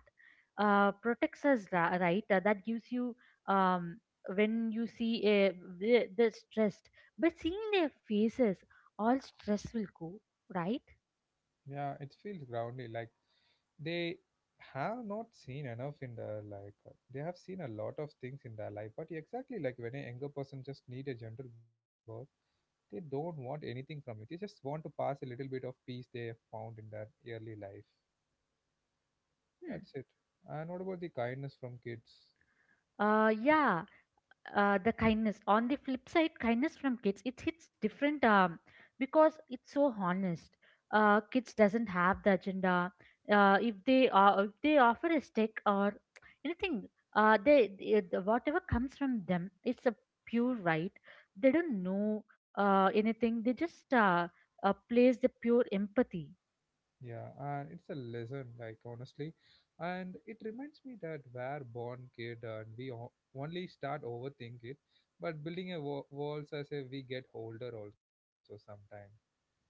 Speaker 2: protects us, right? That gives you um, when you see a the stressed, but seeing their faces, all stress will go, right?
Speaker 1: Yeah, it feels grounded. Like they have not seen enough in their life. They have seen a lot of things in their life. But exactly like when a younger person just need a gentle birth, they don't want anything from you. They just want to pass a little bit of peace they have found in their early life.
Speaker 2: Hmm.
Speaker 1: That's it. And what about the kindness from kids?
Speaker 2: Yeah. The kindness, on the flip side, kindness from kids, it hits different, because it's so honest. Kids doesn't have the agenda. If they if they offer a stick or anything, whatever comes from them, it's a pure, right? They don't know anything. They just plays the pure empathy.
Speaker 1: Yeah, and it's a lesson, like honestly, and it reminds me that we're born kid and we only start overthink it, but building a walls as if we get older also. Sometimes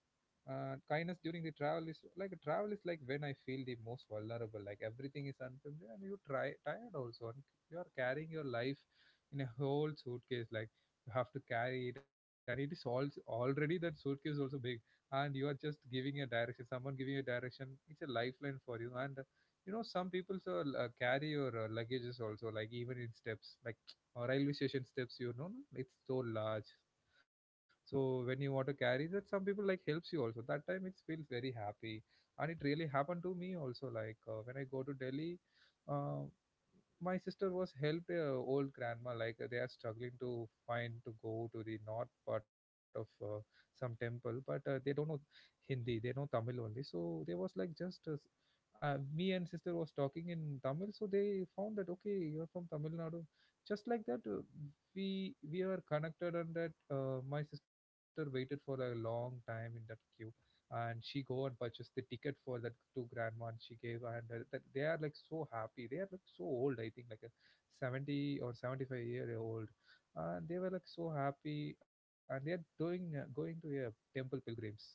Speaker 1: kindness during the travel is like when I feel the most vulnerable, like everything is unfamiliar and you try tired also, and you are carrying your life in a whole suitcase, like you have to carry it and it is also already that suitcase also big. And you are just giving a direction, someone giving a direction, it's a lifeline for you. And you know, some people so carry your luggages also, like even in steps like or railway station steps, you know, no? It's so large. So when you want to carry that, some people like helps you also that time, it feels very happy. And it really happened to me also, like when I go to Delhi. Uh, my sister was helped old grandma, like they are struggling to find to go to the north part of some temple, but they don't know Hindi, they know Tamil only. So there was like just me and sister was talking in Tamil, so they found that okay, you're from Tamil Nadu. Just like that , we were connected. And that my sister waited for a long time in that queue, and she go and purchased the ticket for that to grandma and she gave. And that they are like so happy, they are like so old, I think like a 70 or 75-year old. And they were like so happy, and they are doing going to a temple pilgrims. So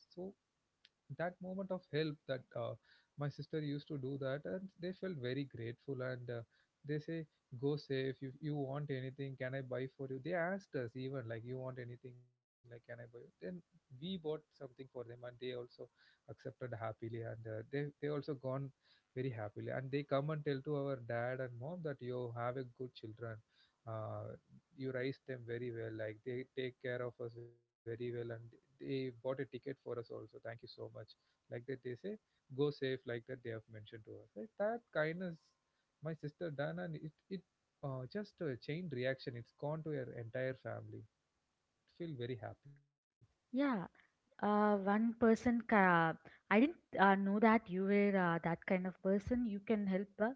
Speaker 1: that moment of help that my sister used to do that, and they felt very grateful. And they say, go safe, if you want anything can I buy for you. They asked us even like, you want anything, like can I buy you? Then we bought something for them, and they also accepted happily. And they also gone very happily, and they come and tell to our dad and mom that, you have a good children. Uh, you raised them very well. Like they take care of us very well, and they bought a ticket for us also. Thank you so much. Like that, they say, go safe. Like that, they have mentioned to us. Like that kindness, my sister done, and it just a chain reaction. It's gone to her entire family. Feel very happy.
Speaker 2: Yeah. One person, I didn't know that you were that kind of person. You can help. Uh,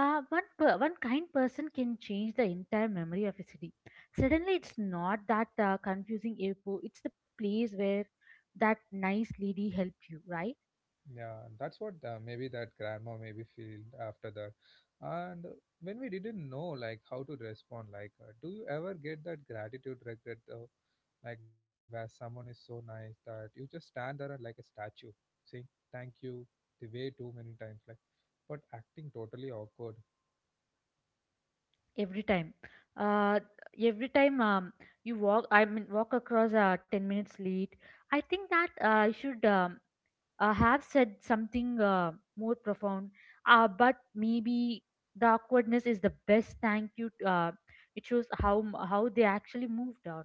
Speaker 2: uh, one per- one kind person can change the entire memory of a city. Suddenly, it's not that confusing airport. It's the place where that nice lady helped you, right?
Speaker 1: Yeah, that's what maybe that grandma maybe feel after that. And when we didn't know like how to respond, like do you ever get that gratitude regret though? Like where someone is so nice that you just stand there and like a statue, saying thank you the way too many times, like but acting totally awkward.
Speaker 2: Every time, uh, every time you walk, I mean, walk across 10 minutes late. I think that I should, have said something more profound. But maybe the awkwardness is the best thank you. It shows how they actually moved on.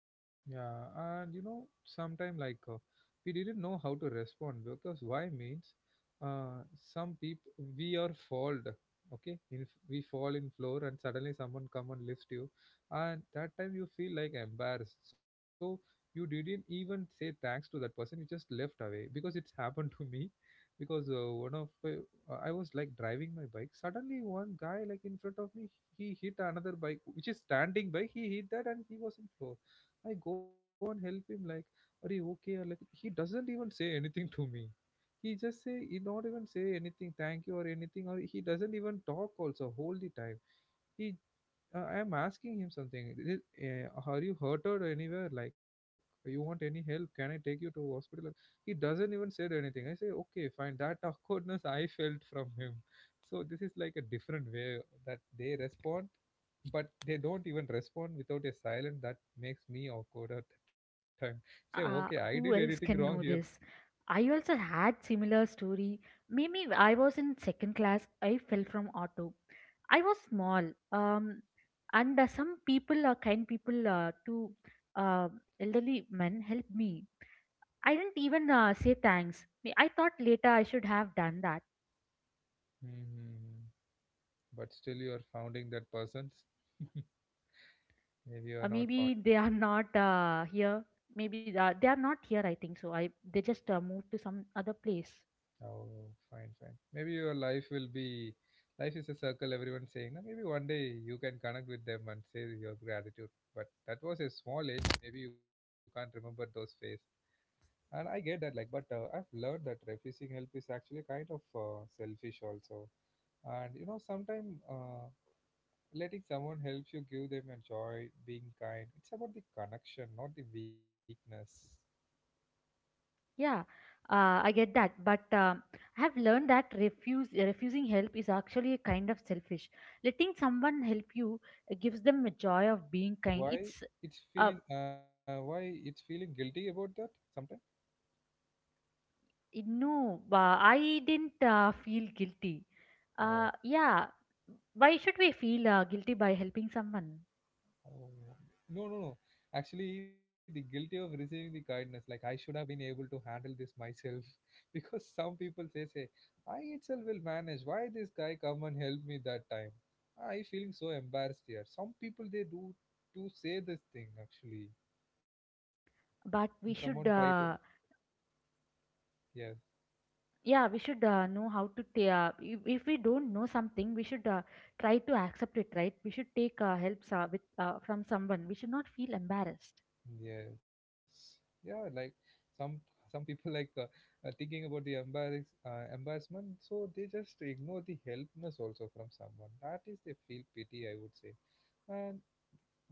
Speaker 1: Yeah, and you know, sometime like we didn't know how to respond because why means uh, some people we are fault. Okay, if we fall in floor and suddenly someone come and lifts you, and that time you feel like embarrassed. So you didn't even say thanks to that person. You just left away because it's happened to me. Because one of I was like driving my bike. Suddenly one guy like in front of me, he hit another bike which is standing by. He hit that and he was in floor. I go and help him like, are you okay? Or like he doesn't even say anything to me. He not even say anything, thank you or anything, or he doesn't even talk also whole the time. He I am asking him something. "Is- eh, are you hurted anywhere? Like you want any help? Can I take you to hospital? Or- He doesn't even said anything. I say okay, fine. That awkwardness I felt from him. So this is like a different way that they respond, but they don't even respond without a silence that makes me awkward at the time. Say, okay, I did
Speaker 2: Who
Speaker 1: anything
Speaker 2: else
Speaker 1: wrong
Speaker 2: can
Speaker 1: here.
Speaker 2: know this? I also had similar story. Maybe I was in second class. I fell from auto. I was small. Um, and some people, kind people, two elderly men helped me. I didn't even say thanks. I thought later I should have done that.
Speaker 1: Hmm. But still, you are founding that person's. Maybe you are not
Speaker 2: Maybe
Speaker 1: founding.
Speaker 2: they are not here, maybe they are not here, I think so. I They just moved to some other place.
Speaker 1: Oh, fine, fine. Maybe your life will be. Life is a circle, everyone's saying. No, maybe one day you can connect with them and say your gratitude. But that was a small age. Maybe you can't remember those phase. And I get that, like, but I've learned that refusing help is actually kind of selfish also. And you know, sometimes letting someone help you give them a joy being kind. It's about the connection, not the weakness.
Speaker 2: Yeah, I get that, but I have learned that refuse refusing help is actually a kind of selfish. Letting someone help you gives them a joy of being kind.
Speaker 1: Why? It's
Speaker 2: Uh,
Speaker 1: feeling why it's feeling guilty about that sometimes.
Speaker 2: no, I didn't feel guilty. Yeah, why should we feel guilty by helping someone?
Speaker 1: Oh, no, no, no. Actually, the guilty of receiving the kindness. Like, I should have been able to handle this myself, because some people say, "Say I itself will manage. Why this guy come and help me that time? I feeling so embarrassed here." Some people they do to say this thing actually, and someone
Speaker 2: But
Speaker 1: try
Speaker 2: we
Speaker 1: to.
Speaker 2: should
Speaker 1: Yes.
Speaker 2: Yeah, we should know how to ta if we don't know something, we should try to accept it, right? We should take help with from someone. We should not feel embarrassed.
Speaker 1: Yes. Yeah, like some people like thinking about the embarrassment, so they just ignore the helpness also from someone. That is they feel pity, I would say. And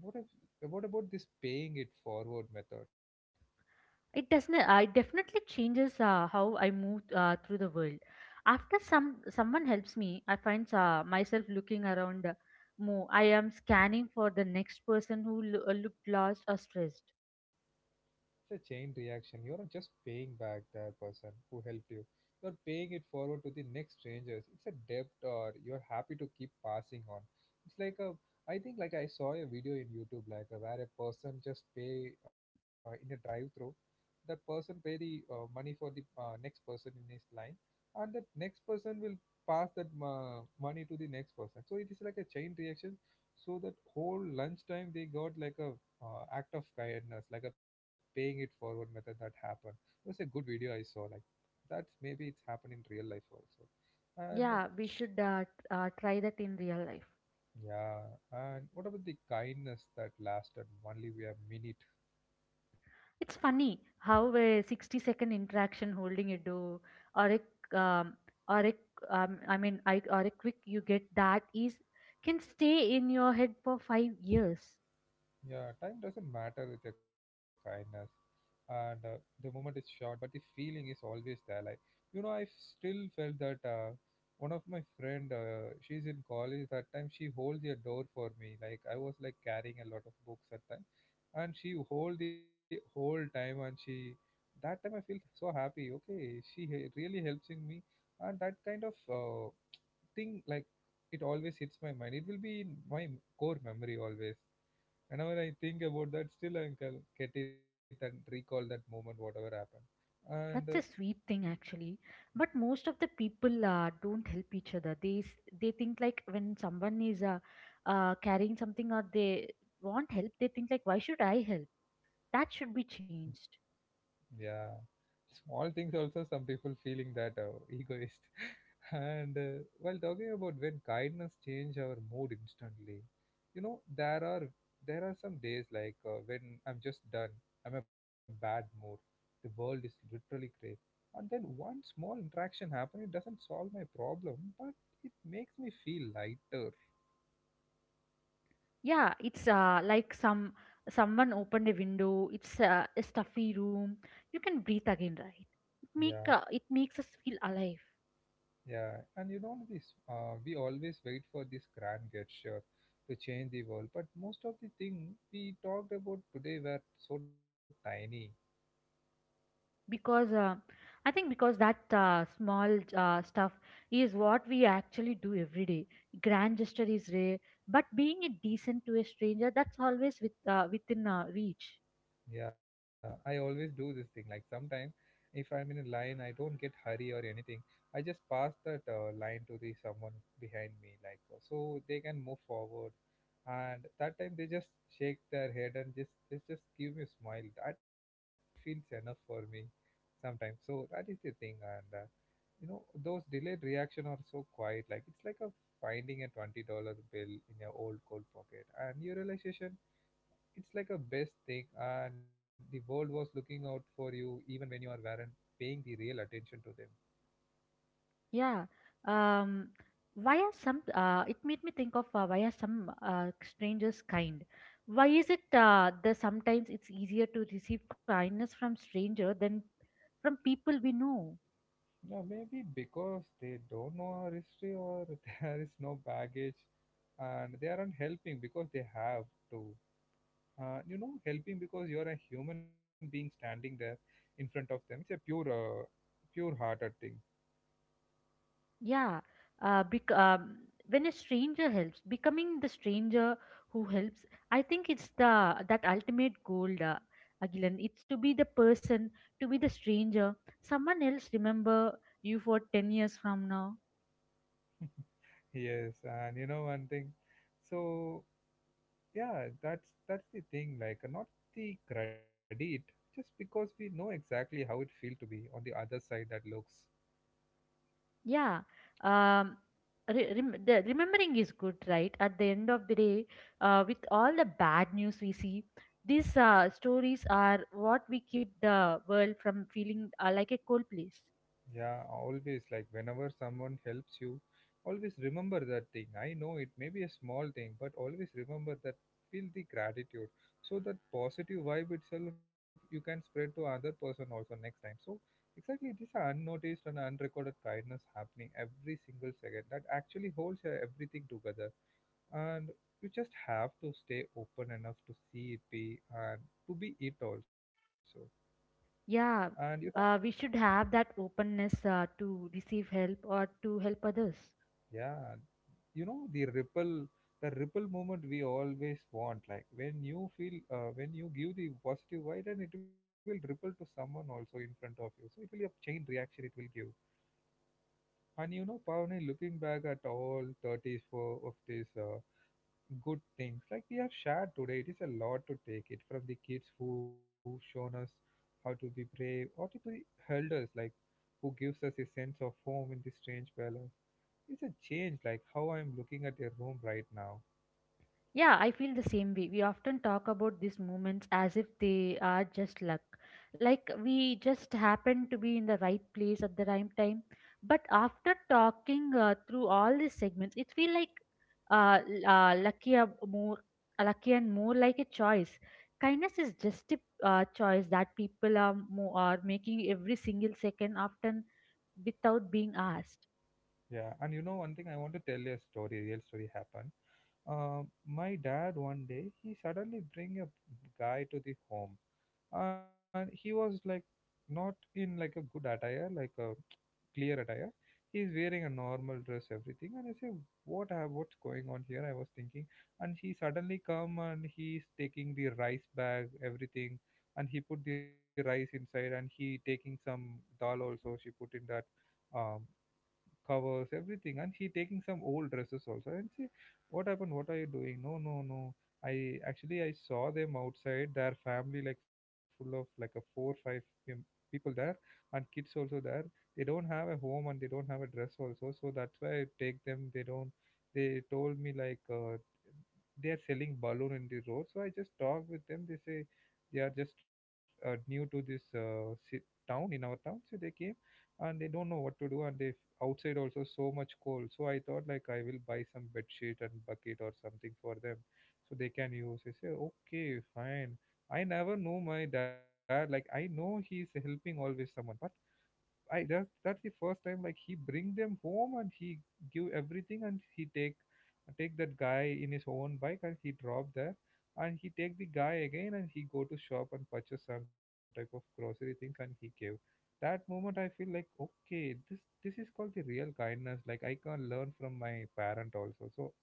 Speaker 1: what if what about this paying it forward method?
Speaker 2: It doesn't. It definitely changes how I move through the world. After some, someone helps me, I find myself looking around more. I am scanning for the next person who looked lost or stressed.
Speaker 1: It's a chain reaction. You aren't just paying back that person who helped you. You're paying it forward to the next strangers. It's a debt or you're happy to keep passing on. It's like a I think like I saw a video in YouTube, like, where a person just pay in a drive through, that person pay the money for the next person in his line, and that next person will pass that money to the next person. So it is like a chain reaction, so that whole lunchtime they got like a act of kindness, like a paying it forward method that happened. It was a good video I saw. Like that, maybe it's happened in real life also. And
Speaker 2: Yeah, we should try that in real life.
Speaker 1: yeah, and what about the kindness that lasted only a minute?
Speaker 2: It's funny how a 60-second interaction, holding a door or a um, or a I mean I, or a quick you get that, is can stay in your head for 5 years.
Speaker 1: Yeah, time doesn't matter with your kindness, and the moment is short, but the feeling is always there. Like, you know, I still felt that one of my friend, she's in college that time. She holds a door for me. Like, I was like carrying a lot of books at time, and she hold the whole time, and she that time I feel so happy. Okay, she really helps in me, and that kind of thing, like, it always hits my mind. It will be in my core memory always whenever I think about that, still I can get it and recall that moment, whatever happened. And
Speaker 2: That's a sweet thing actually. But most of the people don't help each other. They think like when someone is carrying something or they want help, they think like, why should I help? That should be changed.
Speaker 1: yeah, small things also. Some people feeling that egoist. And while talking about when kindness change our mood instantly, you know, there are some days, like, when I'm just done, I'm a bad mood. The world is literally gray. And then one small interaction happen. It doesn't solve my problem, but it makes me feel lighter.
Speaker 2: Yeah, it's like some, someone opened a window. It's a stuffy room. You can breathe again, right?
Speaker 1: Yeah.
Speaker 2: It makes us feel alive.
Speaker 1: Yeah, and you know this, we always wait for this grand gesture to change the world, but most of the thing we talked about today were so tiny.
Speaker 2: Because I think because that small stuff is what we actually do every day. Grand gesture is rare, but being a decent to a stranger, that's always with within reach.
Speaker 1: Yeah, I always do this thing. Like, sometimes, if I am in a line, I don't get hurry or anything. I just pass that line to the someone behind me, like, so they can move forward. And that time they just shake their head and just give me a smile. That feels enough for me sometimes. So that is the thing and. You know those delayed reaction are so quiet, like, it's like a finding a $20 bill in your old cold pocket and your realization, it's like a best thing, and the world was looking out for you even when you are weren't paying the real attention to them.
Speaker 2: Yeah. Um, why are some, it made me think of why are some strangers kind? Why is it that sometimes it's easier to receive kindness from stranger than from people we know?
Speaker 1: Now, maybe because they don't know our history, or there is no baggage, and they aren't helping because they have to. You know, helping because you're a human being standing there in front of them. It's a pure pure hearted thing.
Speaker 2: Yeah. Uh, bec- um, when a stranger helps, becoming the stranger who helps, I think it's the, that ultimate goal, Agilan. It's to be the person, to be the stranger. Someone else remember you for 10 years from now.
Speaker 1: Yes, and you know one thing. So yeah, that's the thing. Like, not the credit, just because we know exactly how it feels to be on the other side that looks.
Speaker 2: Yeah. Um, the remembering is good, right? At the end of the day, with all the bad news we see, these stories are what we keep the world from feeling like a cold place.
Speaker 1: Yeah, always, like, whenever someone helps you, always remember that thing. I know it may be a small thing, but always remember that feel the gratitude. So that positive vibe itself you can spread to other person also next time. So exactly this unnoticed and unrecorded kindness happening every single second that actually holds everything together. And you just have to stay open enough to see it be and to be it also. And you
Speaker 2: Yeah.
Speaker 1: know.
Speaker 2: We should have that openness to receive help or to help others.
Speaker 1: Yeah, you know the ripple moment we always want. Like, when you feel, when you give the positive vibe, and it will ripple to someone also in front of you. So it will be a chain reaction. It will give. And you know, Pavani, looking back at all 34 of these good things, like we have shared today, it is a lot to take it from the kids who shown us how to be brave, or to the elders, like, who gives us a sense of home in the strange palace. It's a change like how I'm looking at your room right now.
Speaker 2: Yeah, I feel the same way. We often talk about these moments as if they are just luck. Like we just happen to be in the right place at the right time. But after talking through all these segments, it feels like uh, l- uh, lucky, uh, more, lucky and more like a choice. Kindness is just a choice that people are, are making every single second, often without being asked.
Speaker 1: Yeah, and you know one thing, I want to tell you a story, real story happened. My dad one day, he suddenly bring a guy to the home, and he was like not in like a good attire, like a clear attire. He's wearing a normal dress, everything. And I say, what's going on here? I was thinking. And he suddenly come, and he's taking the rice bag, everything, and he put the rice inside, and he taking some dal also, she put in that, um covers, everything. And she taking some old dresses also. And see, what happened? What are you doing? No, no, no. I actually I saw them outside. Their family like full of like a four five pem- people there, and kids also there. They don't have a home, and they don't have a dress also. So that's why I take them. They don't. They told me like, they are selling balloon in the road. So I just talk with them. They say they are just new to this town, in our town. So they came, and they don't know what to do, and they outside also so much cold. So I thought, like, I will buy some bed sheet and bucket or something for them, so they can use. I say, okay, fine. I never know my dad, like, I know he's helping always someone, but I that's the first time, like, he bring them home, and he give everything, and he take take that guy in his own bike, and he drop there, and he take the guy again, and he go to shop and purchase some type of grocery things, and he gave. That moment I feel like, okay, this is called the real kindness, like, I can learn from my parent also. So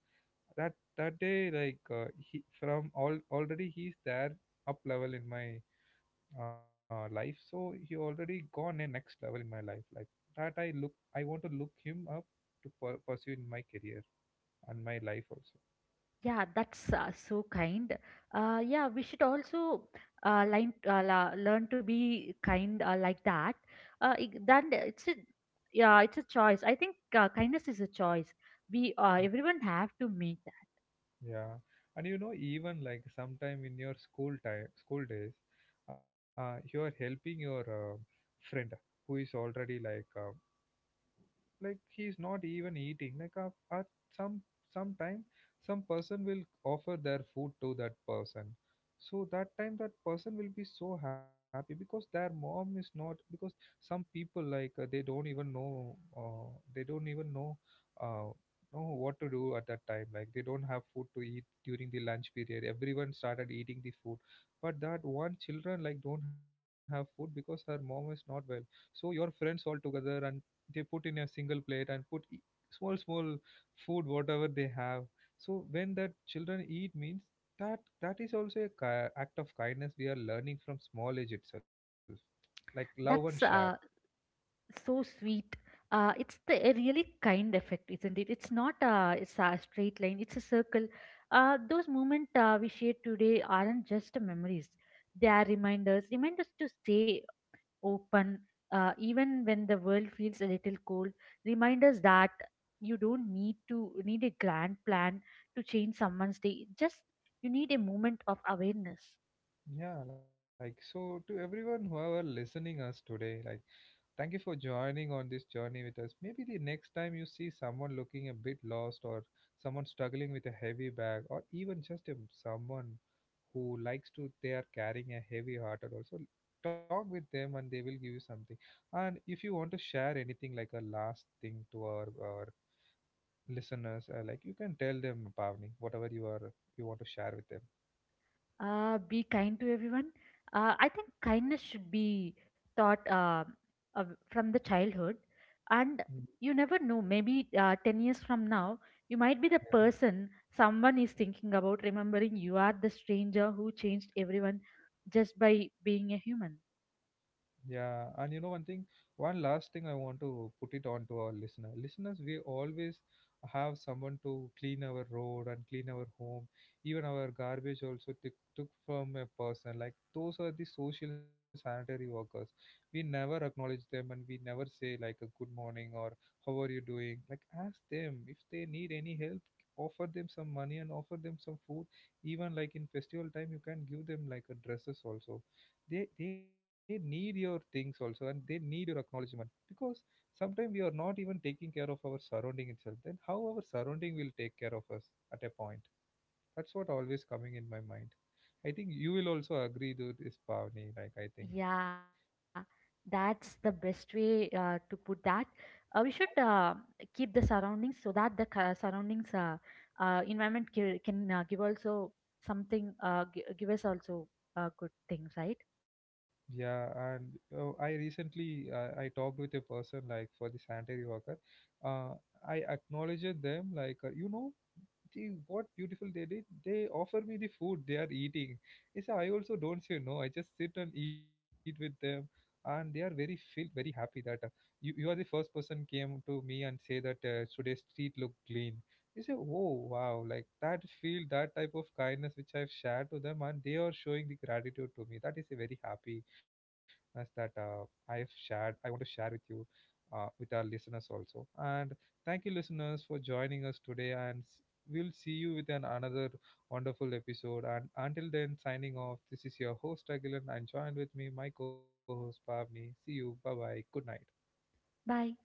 Speaker 1: that that day, like, he from all already he's there, up level in my life. So he already gone in next level in my life, like that. I look, I want to look him up to pursue in my career and my life also.
Speaker 2: Yeah, that's so kind. Yeah, we should also learn to be kind like that. I- then it's a Yeah, it's a choice. I think kindness is a choice. We Everyone have to make that.
Speaker 1: Yeah, and you know, even like sometime in your school time, school days, you are helping your friend who is already like, like, he's not even eating, like, at some some time some person will offer their food to that person. So that time that person will be so happy because their mom is not. Because some people, like, they don't even know, they don't even know uh, know what to do at that time. Like, they don't have food to eat during the lunch period. Everyone started eating the food, but that one children like don't have food because her mom is not well. So your friends all together, and they put in a single plate and put small small food whatever they have. So when that children eat means that that is also a act of kindness we are learning from small age itself, like love and share.
Speaker 2: That's so sweet. It's the a really kind effect, isn't it? It's not it's a straight line. It's a circle. Those moments we shared today aren't just memories. They are reminders. Reminders to stay open, even when the world feels a little cold. Remind us that you don't need to need a grand plan to change someone's day. Just you need a moment of awareness.
Speaker 1: Yeah, like, so to everyone who are listening us today, like, thank you for joining on this journey with us. Maybe the next time you see someone looking a bit lost, or someone struggling with a heavy bag, or even just a, someone who likes to, they are carrying a heavy heart at all. So talk with them and they will give you something. And if you want to share anything like a last thing to our listeners, like, you can tell them, Pavni, whatever you are, you want to share with them.
Speaker 2: Be kind to everyone. I think kindness should be taught uh, from the childhood, and
Speaker 1: Mm,
Speaker 2: you never know. Maybe 10 years from now, you might be the person
Speaker 1: yeah.
Speaker 2: someone is thinking about, remembering you are the stranger who changed everyone just by being a human.
Speaker 1: Yeah, and you know one thing, one last thing I want to put it on to our listener. Listeners, we always have someone to clean our road and clean our home, even our garbage also took from a person. Like, those are the social sanitary workers. We never acknowledge them, and we never say like a good morning or how are you doing. Like, ask them if they need any help, offer them some money, and offer them some food. Even like in festival time, you can give them like a dresses also. They need your things also, and they need your acknowledgement. Because sometimes we are not even taking care of our surrounding itself, then how our surrounding will take care of us at a point. That's what always coming in my mind. I think you will also agree to this, Pavni, like, I think.
Speaker 2: Yeah, that's the best way to put that. We should keep the surroundings so that the surroundings environment can give also something give us also good things, right?
Speaker 1: Yeah, and I recently I talked with a person like for the sanitary worker. uh, I acknowledged them like, you know, gee, what beautiful they did. They offer me the food they are eating. Yes, I also don't say no. I just sit and eat with them, and they are very filled, very happy that you are the first person came to me and say that today's street look clean. You say, oh wow, like that feel, that type of kindness which I've shared to them, and they are showing the gratitude to me. That is a very happy as that I've shared. I want to share with you, with our listeners also, and thank you, listeners, for joining us today, and we'll see you with an another wonderful episode. And until then, signing off. This is your host, Agilan, and joined with me, my co-host, Pavni. See you. Bye bye. Good night.
Speaker 2: Bye.